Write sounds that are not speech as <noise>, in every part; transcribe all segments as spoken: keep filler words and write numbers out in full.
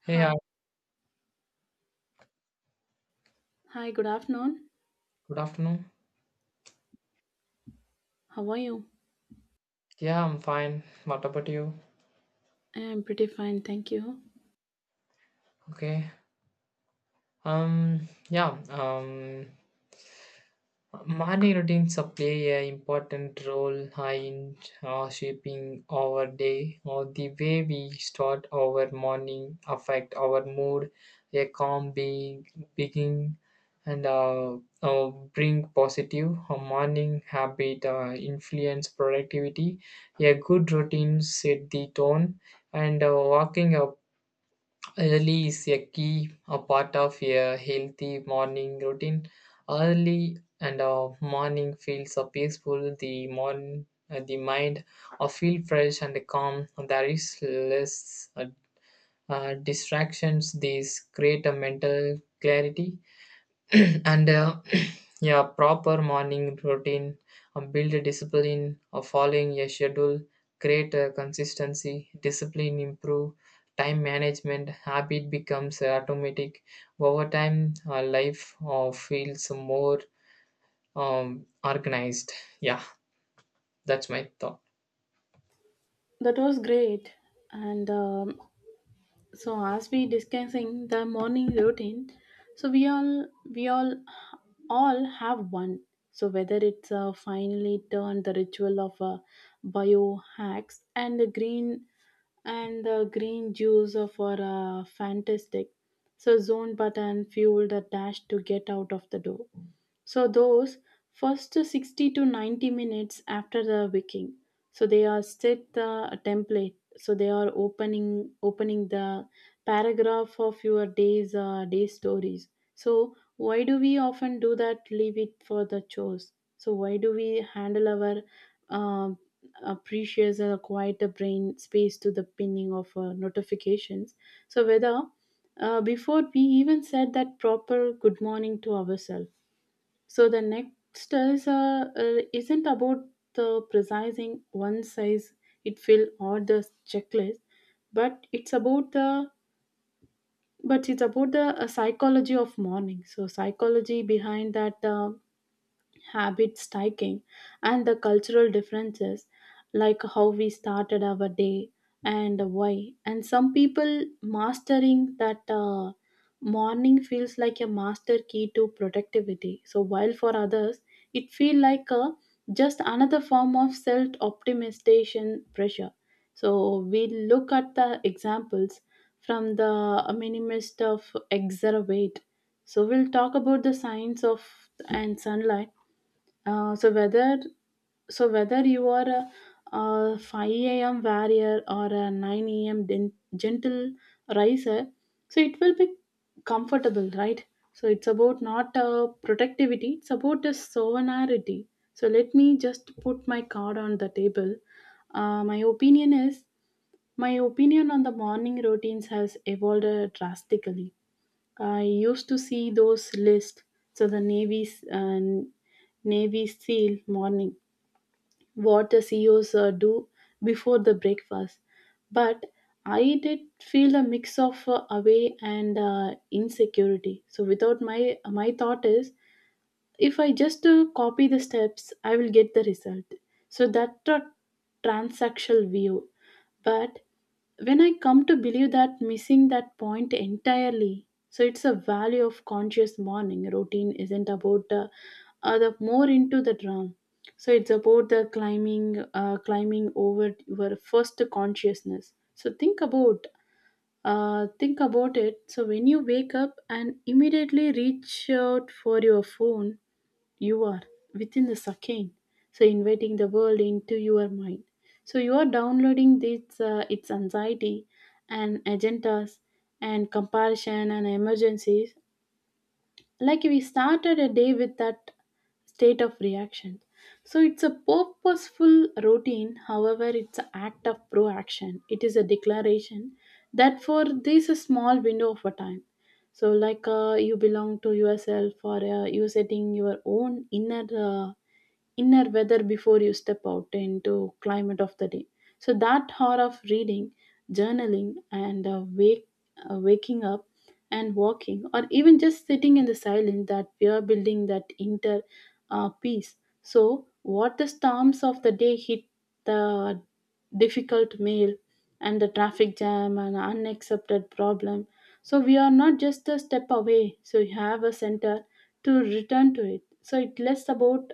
Hey, hi. Hi, hi, good afternoon. Good afternoon. How are you? Yeah, I'm fine. What about you? I'm pretty fine, thank you. Okay. Um. Yeah. Um. Morning routines uh, play a important role in uh, shaping our day. Or the way we start our morning affect our mood. A calm being begin and uh, uh, bring positive. A morning habit uh, influence productivity. A good routine set the tone and uh, walking up early is a key a part of a healthy morning routine. Early and uh, morning feels uh, peaceful. The morning, uh, the mind uh, feel fresh and calm. There is less uh, uh, distractions. These create a mental clarity <clears throat> and uh, <clears throat> yeah, proper morning routine um, build a discipline of following a schedule, create a consistency discipline improve time management habit becomes automatic over time. Uh, life uh, feels more um, organized. Yeah, that's my thought. That was great. And um, So, as we discussing the morning routine, so we all we all all have one. So whether it's uh, finally turned the ritual of uh, biohacks and the green and the green juice for a fantastic. So zone button fueled a dash to get out of the door. So those first sixty to ninety minutes after the waking, so they are set the template. So they are opening opening the paragraph of your day's uh, day stories. So why do we often do that? Leave it for the chores. So why do we handle our uh, uh, precious uh, quiet uh, brain space to the pinning of uh, notifications? So whether uh, before we even said that proper good morning to ourselves, so the next is uh, uh, isn't about the precising one size it fill or the checklist, but it's about the but it's about the uh, psychology of mourning. So psychology behind that uh, habit stacking, and the cultural differences, like how we started our day and why. And some people mastering that uh, morning feels like a master key to productivity. So while for others, it feel like a just another form of self optimization pressure. So we look at the examples from the minimist of exervate. So we'll talk about the science of and sunlight, uh, so whether so whether you are a, a five a m warrior or a nine a m den- gentle riser, so it will be comfortable, right? So it's about not uh, productivity; it's about the sovereignty. So let me just put my card on the table. Uh, my opinion is my opinion on the morning routines has evolved uh, drastically. I used to see those lists. So the Navy, uh, Navy SEAL morning, what the C E Os uh, do before the breakfast. But I did feel a mix of uh, away and uh, insecurity. So without, my my thought is, if I just uh, copy the steps, I will get the result. So that's a transactional view, but when I come to believe that missing that point entirely, so it's a value of conscious morning routine isn't about the uh, the more into the drum. So it's about the climbing uh, climbing over your first consciousness. So think about, uh, think about it. So when you wake up and immediately reach out for your phone, you are within the second, so inviting the world into your mind. So you are downloading this, uh, its anxiety and agendas and comparison and emergencies. Like we started a day with that state of reaction. So it's a purposeful routine. However, it's an act of proaction. It is a declaration that for this small window of a time, so like, uh, you belong to yourself or, uh, you setting your own inner uh, inner weather before you step out into climate of the day. So that hour of reading, journaling, and uh, wake uh, waking up and walking, or even just sitting in the silence, that we are building that inner uh, peace. So what the storms of the day hit, the difficult mail and the traffic jam and unaccepted problem, so we are not just a step away. So you have a center to return to it. So it less about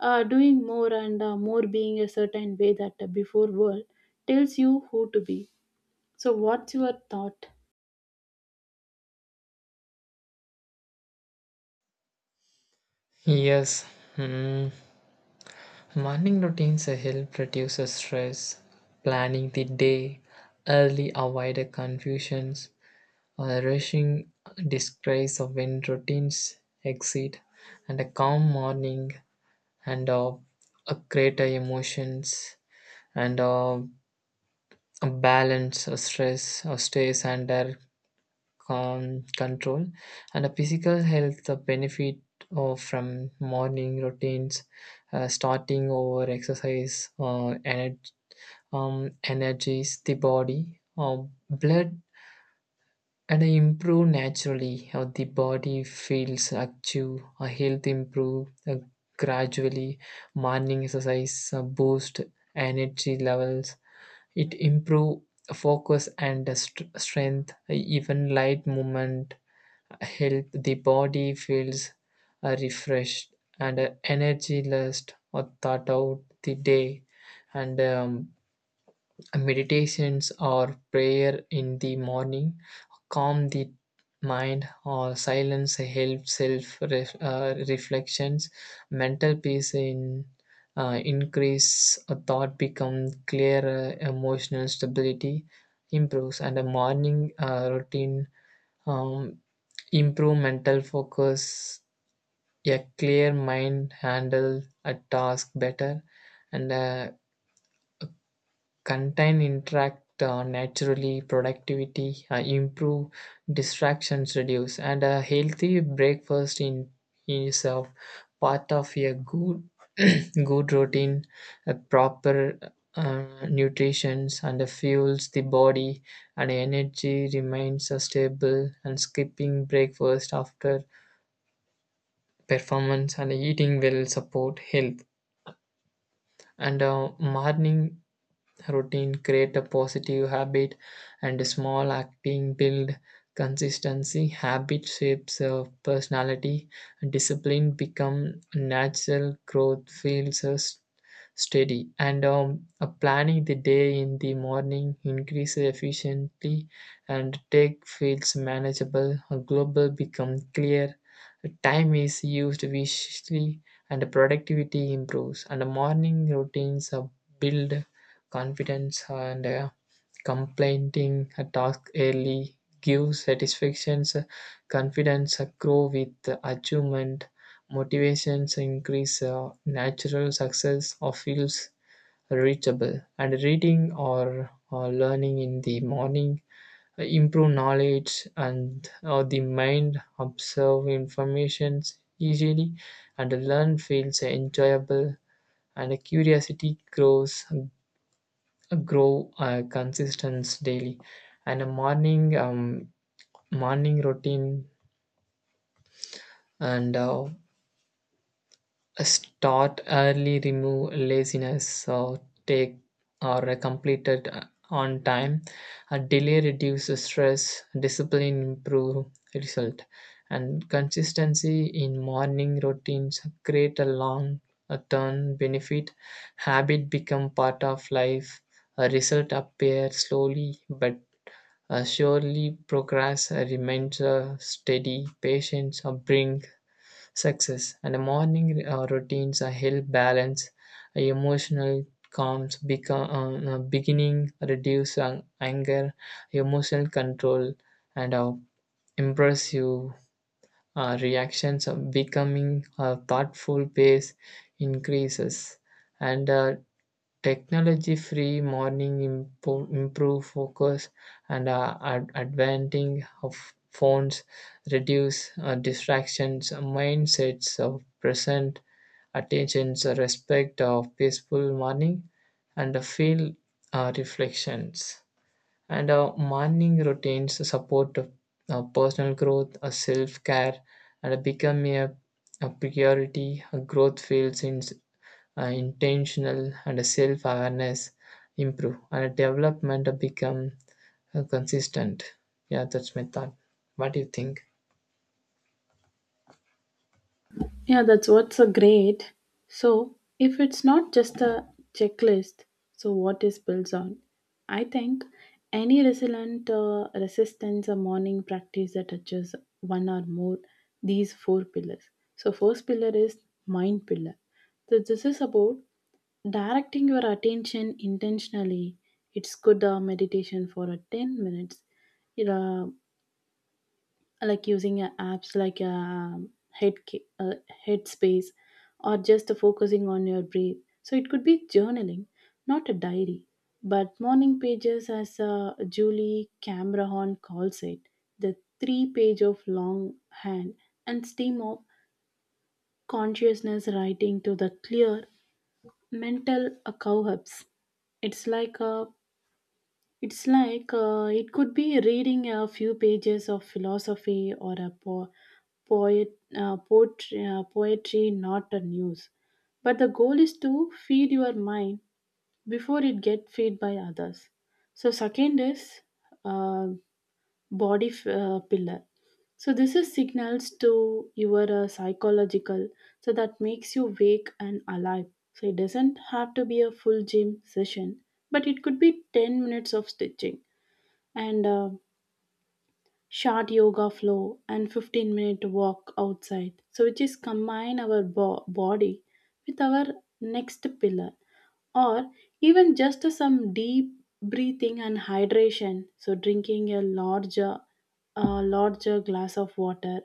uh, doing more and uh, more being a certain way that the before world tells you who to be. So what's your thought? Yes, mm, morning routines help reduce stress, planning the day, early avoid confusions, a rushing disgrace of when routines exceed, and a calm morning and uh, a greater emotions and uh, a balance, a stress, a stress under con- control, and a physical health the benefit of from morning routines, uh, starting over exercise, uh, energy, um, energies the body, uh, blood and I improve naturally. How the body feels active, a health improve uh, gradually. Morning exercise uh, boost energy levels. It improve focus and uh, st- strength. Even light movement help the body feels uh, refreshed and uh, energy last or thought out the day, and um, meditations or prayer in the morning calm the mind or silence helps self ref, uh, reflections mental peace in uh, increase a thought become clearer emotional stability improves, and a morning uh, routine um, improve mental focus a clear mind handle a task better, and uh, contain interact uh, naturally productivity uh, improve distractions reduce, and a healthy breakfast in is a part of a good <clears throat> good routine, a proper uh, nutrition and fuels the body and energy remains uh, stable, and skipping breakfast after performance and eating will support health, and uh, morning routine create a positive habit and small acting build consistency habit shapes of personality discipline become natural growth feels us steady, and um, uh, planning the day in the morning increases efficiently and take feels manageable a global become clear time is used wisely and productivity improves, and morning routines uh, build confidence and uh, completing a task early gives satisfactions, confidence grow with the achievement, motivation increases, natural success or feels reachable. And reading or, or learning in the morning uh, improve knowledge and or the mind observe information easily and learn feels enjoyable and curiosity grows grow uh, consistence daily, and a morning um, morning routine and uh, start early remove laziness or take or uh, completed uh, on time a delay reduce stress discipline improve result, and consistency in morning routines create a long a term benefit habit become part of life a result appear slowly but Uh, surely progress uh, remains uh, steady, patience uh, bring success, and morning uh, routines uh, help balance uh, emotional calms, become, uh, uh, beginning reduce ang- anger, emotional control, and uh, impressive uh, reactions of becoming a thoughtful pace increases, and uh, technology free morning impo- improve focus and uh, ad- advanting of phones reduce uh, distractions mindsets of present attentions respect of peaceful morning and uh, feel uh, reflections, and uh, morning routines support uh, personal growth, uh, self care, and uh, become a, a priority. Uh, growth feels in, uh, intentional, and self awareness improve, and development uh, become uh, consistent. Yeah, that's my thought. What do you think? Yeah, that's what's a great. So if it's not just a checklist, so what is built on? I think any resilient uh, resistance or morning practice that touches one or more these four pillars. So first pillar is mind pillar. So this is about directing your attention intentionally. It's good uh, meditation for uh, ten minutes. You know, like using uh, apps like, uh, head Ki- uh, Headspace, or just focusing on your breath. So it could be journaling, not a diary, but morning pages, as uh, Julie Cameron calls it, the three page of long hand and steam of consciousness writing to the clear mental uh, cowhubs. It's like a it's like, uh, it could be reading a few pages of philosophy or a po- poet, uh, poetry, uh, poetry, not a news. But the goal is to feed your mind before it get fed by others. So second is uh, body f- uh, pillar. So this is signals to your uh, psychological. So that makes you wake and alive. So it doesn't have to be a full gym session, but it could be ten minutes of stitching and uh, short yoga flow and fifteen minute walk outside, so which is combine our bo- body with our next pillar, or even just some deep breathing and hydration. So drinking a larger a larger glass of water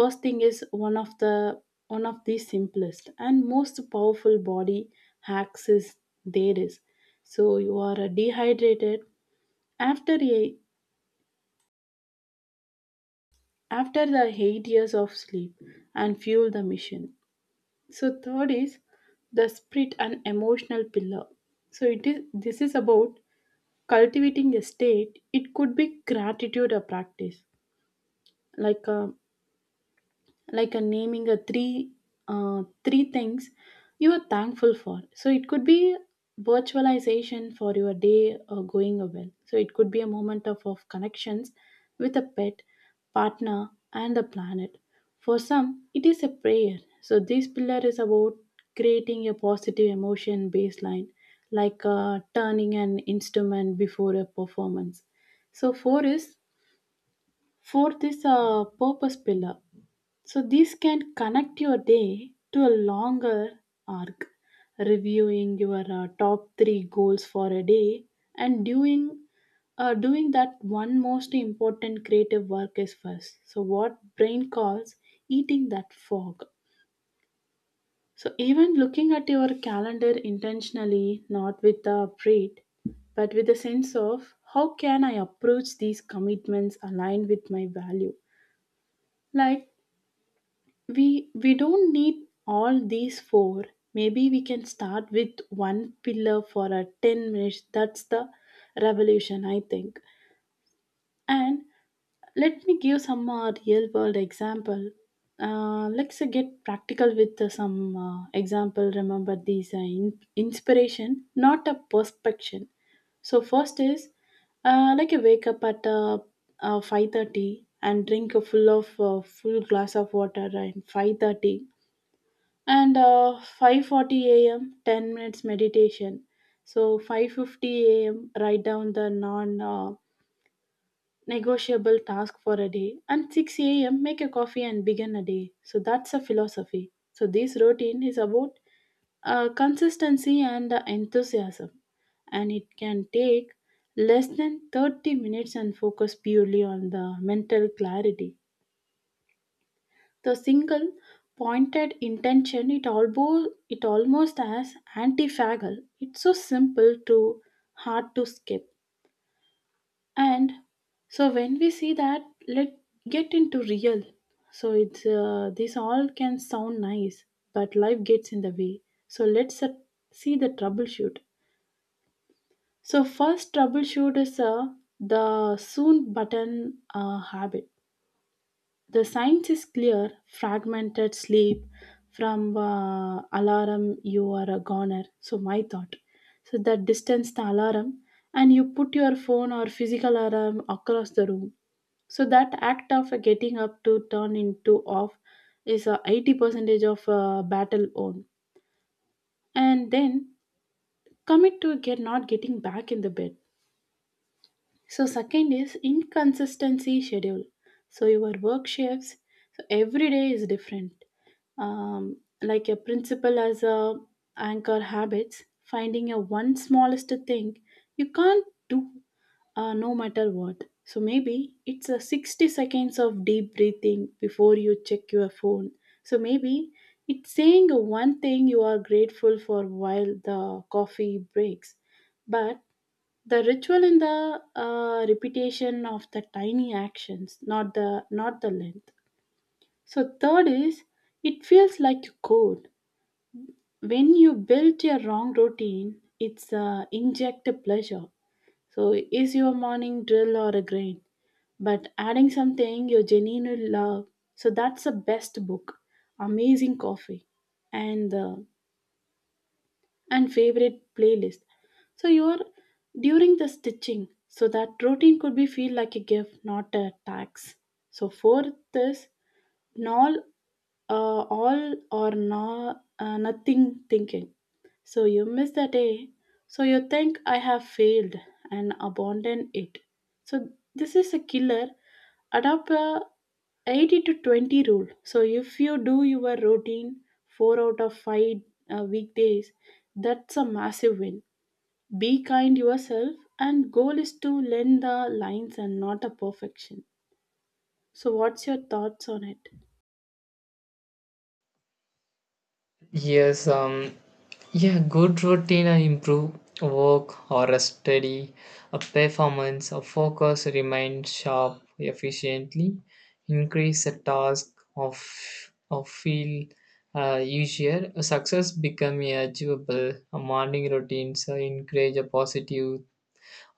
first thing is one of the one of the simplest and most powerful body hacks. Is there is so you are dehydrated after a after the eight years of sleep and fuel the mission. So third is the spirit and emotional pillar. So it is, this is about cultivating a state. It could be gratitude or practice, like, uh, like a naming a three, uh, three things you are thankful for. So it could be virtualization for your day uh, going well. So it could be a moment of, of connections with a pet, partner, and the planet. For some it is a prayer. So this pillar is about creating a positive emotion baseline, like, uh, turning an instrument before a performance. So four is fourth is a purpose pillar. So this can connect your day to a longer arc, reviewing your uh, top three goals for a day and doing, uh, doing that one most important creative work is first. So what brain calls eating that fog. So even looking at your calendar intentionally, not with a pride, but with a sense of how can I approach these commitments aligned with my value. Like we we don't need all these four. Maybe we can start with one pillar for a ten minutes. That's the revolution, I think. And let me give some uh, real world example. Uh, let's, uh, get practical with uh, some uh, example. Remember these uh, in- inspiration, not a perspection. So first is, uh, like you wake up at uh, uh, five thirty and drink a full of, uh, full glass of water at five thirty, and uh, five forty a m ten minutes meditation. So five fifty a m write down the non uh, negotiable task for a day and six a m make a coffee and begin a day. So that's a philosophy. So this routine is about uh, consistency and uh, enthusiasm, and it can take less than thirty minutes and focus purely on the mental clarity. The single pointed intention, it albo it almost as antifagal. It's so simple to hard to skip. And so when we see that, let get into real. So it's, uh, this all can sound nice, but life gets in the way. So let's, uh, see the troubleshoot. So first troubleshoot is, uh, the soon button uh, habit. The science is clear, fragmented sleep from uh, alarm, you are a goner. So, my thought. So, that distance the alarm, and you put your phone or physical alarm across the room. So, that act of getting up to turn into off is, uh, eighty percent of uh, battle on. And then commit to get not getting back in the bed. So second is inconsistency schedule. So your work shifts. So every day is different. Um, like a principle as a anchor habits, finding a one smallest thing you can't do, uh, no matter what. So maybe it's a sixty seconds of deep breathing before you check your phone. So maybe it's saying one thing you are grateful for while the coffee breaks. But the ritual in the uh, repetition of the tiny actions, not the not the length. So third is, it feels like a code. When you build your wrong routine, it's, uh, inject a pleasure. So is your morning drill or a grain, but adding something you genuinely love. So that's the best book, amazing coffee, and uh, and favorite playlist. So you're during the stitching, so that routine could be feel like a gift, not a tax. So fourth is null, uh, all or no, uh, nothing thinking. So you miss the day, so you think, I have failed, and abandon it. So this is a killer adapter eighty to twenty rule. So if you do your routine four out of five uh, weekdays, that's a massive win. Be kind yourself, and goal is to lend the lines and not a perfection. So what's your thoughts on it? Yes, um, yeah, good routine and improve work or a study, a performance, a focus, remain sharp efficiently, increase the task of of feel uh, easier. Success become achievable. A morning routine so encourage a positive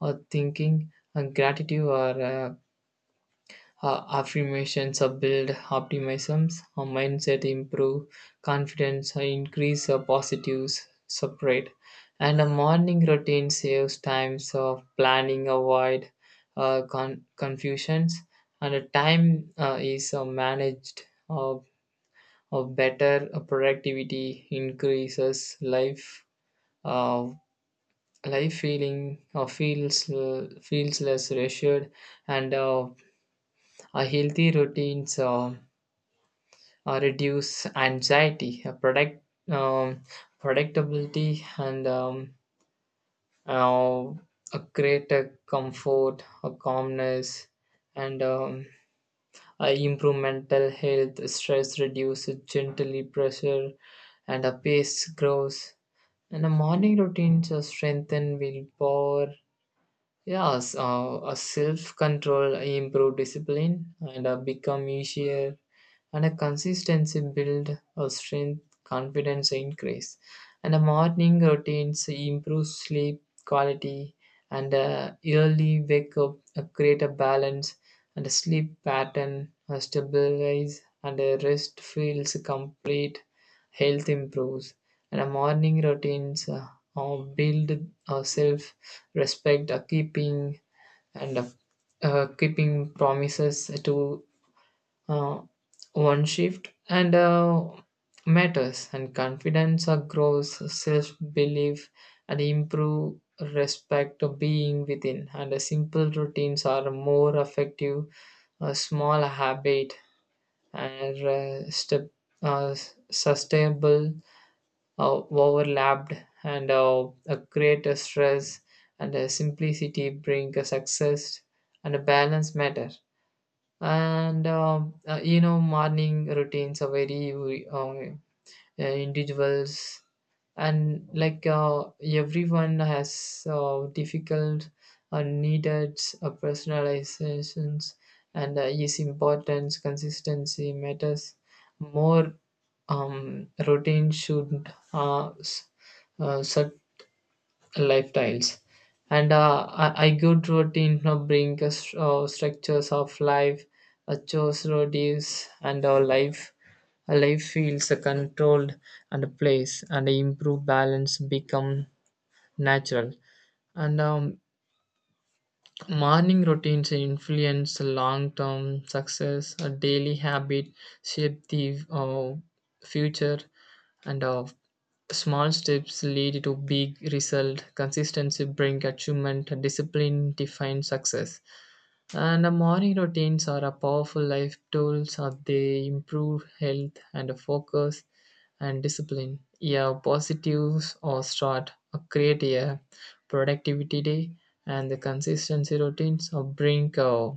uh, thinking and gratitude or uh, uh, affirmations uh, build optimisms. A mindset improve confidence, uh, increase uh, positives separate, and a morning routine saves times of planning, avoid uh, con- confusions, and a time uh, is uh, managed uh, of better uh, productivity increases life uh, life feeling uh, feels uh, feels less reassured, and uh, a healthy routines. Uh, uh, reduce anxiety, uh, predict, um, predictability, and um, uh, a greater comfort, a calmness, and um, uh, improve mental health, stress reduce, gently pressure, and a pace grows. And a morning routine to strengthen willpower. Yes, uh, a self-control improve discipline and uh, become easier, and a consistency build a strength, confidence increase, and a morning routines improve sleep quality, and uh, early wake up uh, create a balance, and a sleep pattern uh, stabilize, and a rest feels complete, health improves, and a morning routines uh, uh, build uh, self respect uh, keeping and uh, uh, keeping promises to uh, one shift and uh, matters and confidence uh, grows self belief and improve respect of being within, and uh, simple routines are more effective a small habit and uh, step uh, sustainable uh, overlapped and uh, uh, create a greater stress, and a simplicity bring a success and a balance matter, and um, uh, you know, morning routines are very uh, uh, individuals and like uh, everyone has uh, difficult uh, needed uh, personalizations and uh, is importance consistency matters more. Um, routine should uh, s- uh, set lifestyles, and uh, I, I good routine now bring us uh, structures of life uh, chose routines and our life a life feels uh, controlled and a place and improve balance become natural, and um, morning routines influence long-term success a daily habit shape the uh, future and uh, small steps lead to big result consistency brings achievement discipline defines success, and the morning routines are a powerful life tools uh, they improve health and focus and discipline, yeah, positives or start uh, create a productivity day, and the consistency routines uh, bring uh, uh,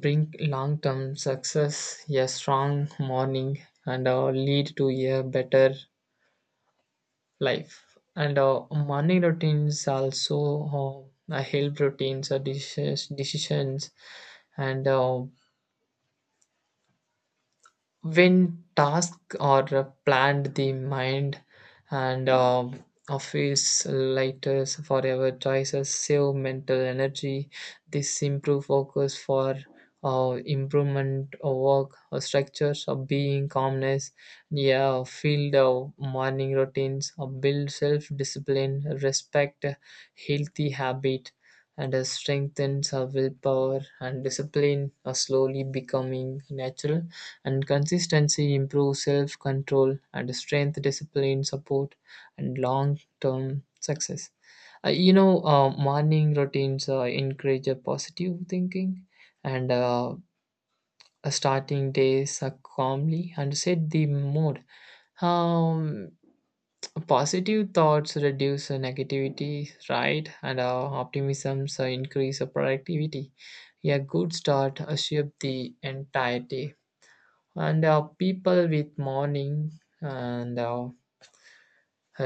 bring long-term success a strong morning and uh, lead to a better life, and uh, morning routines also uh, help routines uh, decisions decisions and uh, when tasks are planned the mind and uh, office lighters forever choices save mental energy this improve focus for uh, improvement of work uh, structures of being calmness, yeah, field of morning routines uh, build self-discipline respect healthy habit and uh, strengthens our willpower and discipline are slowly becoming natural and consistency improves self control and strength, discipline, support, and long term success. Uh, you know, uh, morning routines uh, encourage a positive thinking and uh, starting days uh, calmly and set the mood. Um, Positive thoughts reduce uh, negativity, right? And uh, optimism uh, increase uh, productivity. A good start uh, shape the entire day and uh, people with morning and uh,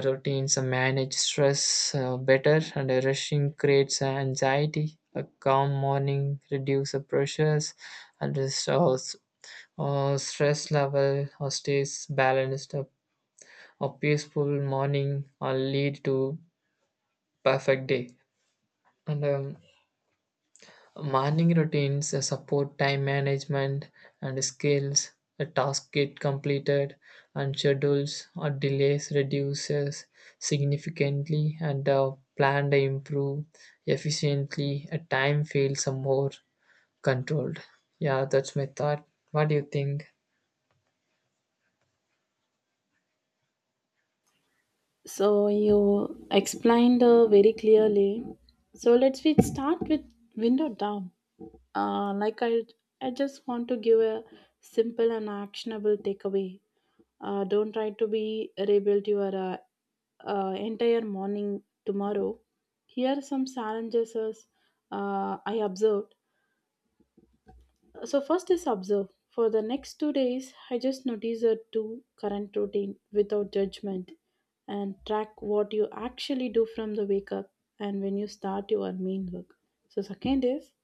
routines manage stress uh, better and uh, rushing creates anxiety a calm morning reduces pressures and restores uh, stress level or stays balanced a, a peaceful morning or lead to perfect day, and um, morning routines, uh, support time management and skills, a task get completed, and schedules or delays reduces significantly, and uh, planned improve efficiently. A time feels more controlled. Yeah, that's my thought. What do you think? So you explained uh, very clearly. So let's we start with window down. Uh, like I, I just want to give a simple and actionable takeaway. Uh, don't try to be rebuild your uh, uh, entire morning tomorrow. Here are some challenges as, uh, I observed. So first is observe. For the next two days, I just notice a two current routine without judgment and track what you actually do from the wake up and when you start your main work. So second is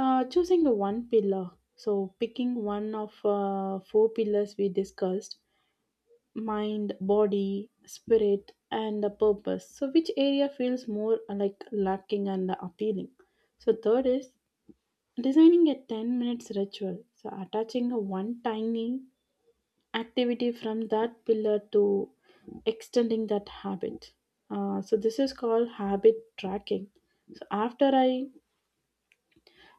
uh, choosing a one pillar. So picking one of uh, four pillars we discussed, mind, body, spirit, and the purpose. So which area feels more uh, like lacking and appealing? So third is designing a ten minutes ritual. So attaching a one tiny activity from that pillar to extending that habit. Uh, so this is called habit tracking. So after I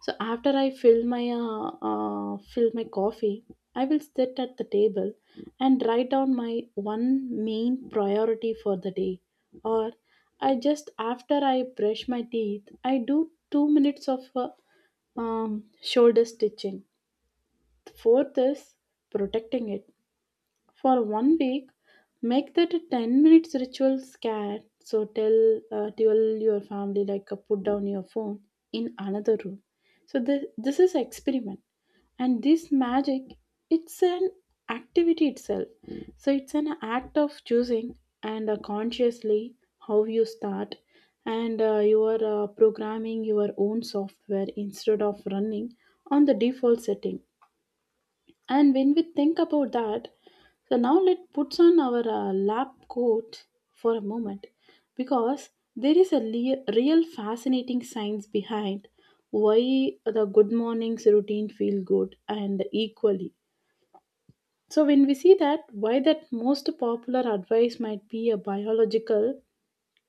so after I fill my uh, uh, fill my coffee, I will sit at the table and write down my one main priority for the day. Or I just after I brush my teeth, I do two minutes of uh, um, shoulder stitching. Fourth is protecting it. For one week, make that a ten minutes ritual scan. So tell, uh, tell your family, like, uh, put down your phone in another room. So this, this is experiment. And this magic, it's an activity itself. So it's an act of choosing and uh, consciously how you start and uh, you are uh, programming your own software instead of running on the default setting, and when we think about that, so now let's put on our uh, lab coat for a moment, because there is a le- real fascinating science behind why the good mornings routine feel good and equally. So when we see that why that most popular advice might be a biological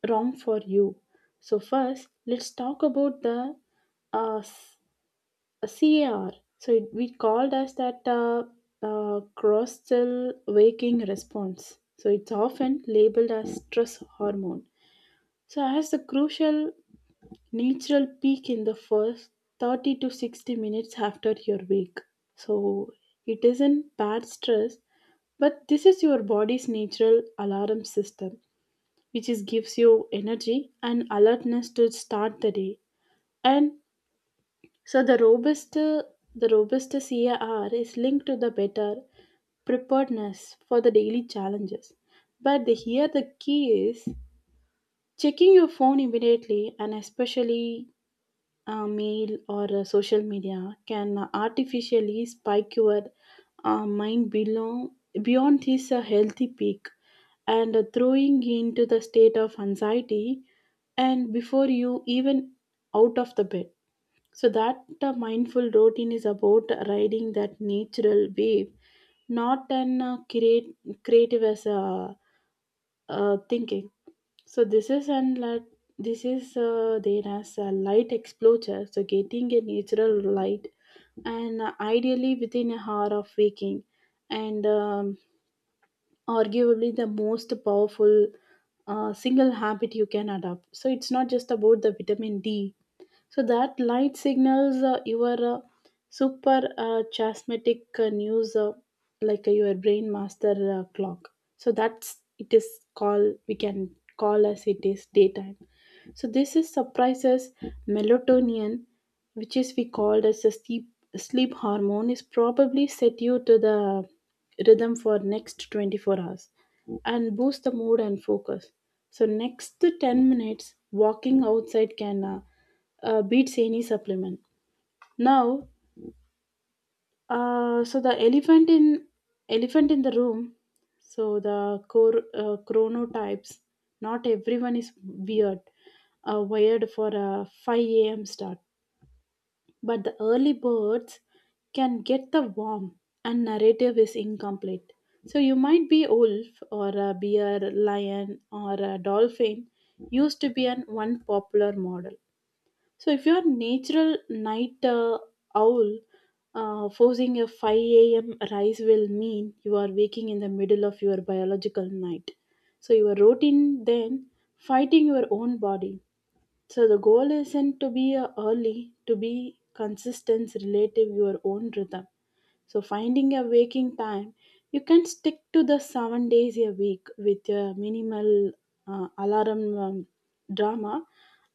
wrong for you. So first let's talk about the uh, C A R. So it, we called as that uh, uh, cross cell waking response. So it's often labeled as stress hormone. So has the crucial natural peak in the first thirty to sixty minutes after your wake. So it isn't bad stress, but this is your body's natural alarm system, which is gives you energy and alertness to start the day. And so the robust the robust C A R is linked to the better preparedness for the daily challenges. But the, here the key is checking your phone immediately and especially uh, mail or uh, social media can artificially spike your uh, mind below, beyond this uh, healthy peak and uh, throwing into the state of anxiety and before you even out of the bed, so that uh, mindful routine is about riding that natural wave, not an uh, create, creative as a uh, thinking. So this is, and like this is uh, there as a light exposure. So getting a natural light and uh, ideally within a hour of waking, and um, arguably the most powerful uh, single habit you can adopt. So it's not just about the vitamin D. So that light signals uh, your uh, super uh, chasmatic uh, news, uh, like uh, your brain master uh, clock. So that's it is called, we can call as it is daytime. So this is surprises melatonin, which is we called as a sleep sleep hormone, is probably set you to the rhythm for next twenty-four hours and boost the mood and focus. So next ten minutes walking outside can uh, uh, beats any supplement. Now uh, so the elephant in elephant in the room. So the core uh, chronotypes. Not everyone is weird, uh, wired for a five a m start, but the early birds can get the warm and narrative is incomplete. So you might be wolf or a bear, lion or a dolphin used to be an one popular model. So if you're a natural night uh, owl, uh, forcing a five a m rise will mean you are waking in the middle of your biological night. So your routine then fighting your own body. So the goal isn't to be a early, to be consistent relative your own rhythm. So finding a waking time, you can stick to the seven days a week with a minimal uh, alarm um, drama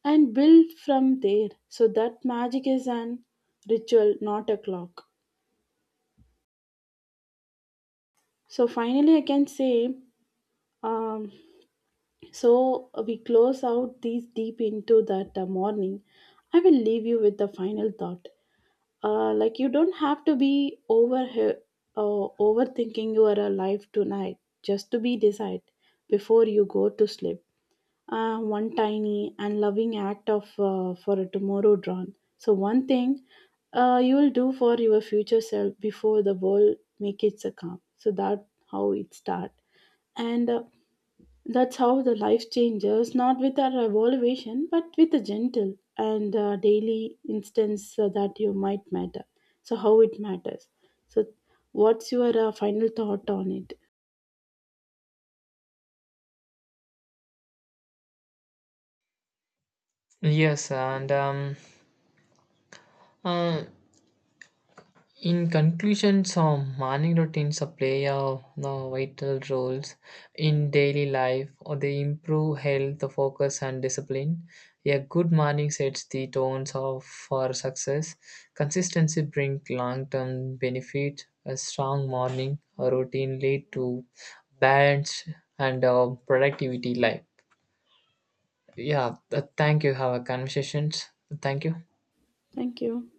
and build from there. So that magic is an ritual, not a clock. So finally, I can say Um, so we close out these deep into that uh, morning. I will leave you with the final thought. Uh, like you don't have to be over uh, overthinking your uh, life tonight, just to be decided before you go to sleep. Uh, one tiny and loving act of uh, for a tomorrow drawn. So one thing uh, you will do for your future self before the world make it succumb. So that how it start and. Uh, that's how the life changes, not with a revolution, but with a gentle and uh, daily instance uh, that you might matter. So, how it matters. So, what's your uh, final thought on it? Yes, and um, uh, in conclusion, some morning routines play a no, vital roles in daily life. Or they improve health, focus, and discipline. A good morning sets the tones of for success. Consistency brings long-term benefit. A strong morning routine lead to balance and uh, productivity life. Yeah, th- thank you. Have a conversations. Thank you. Thank you.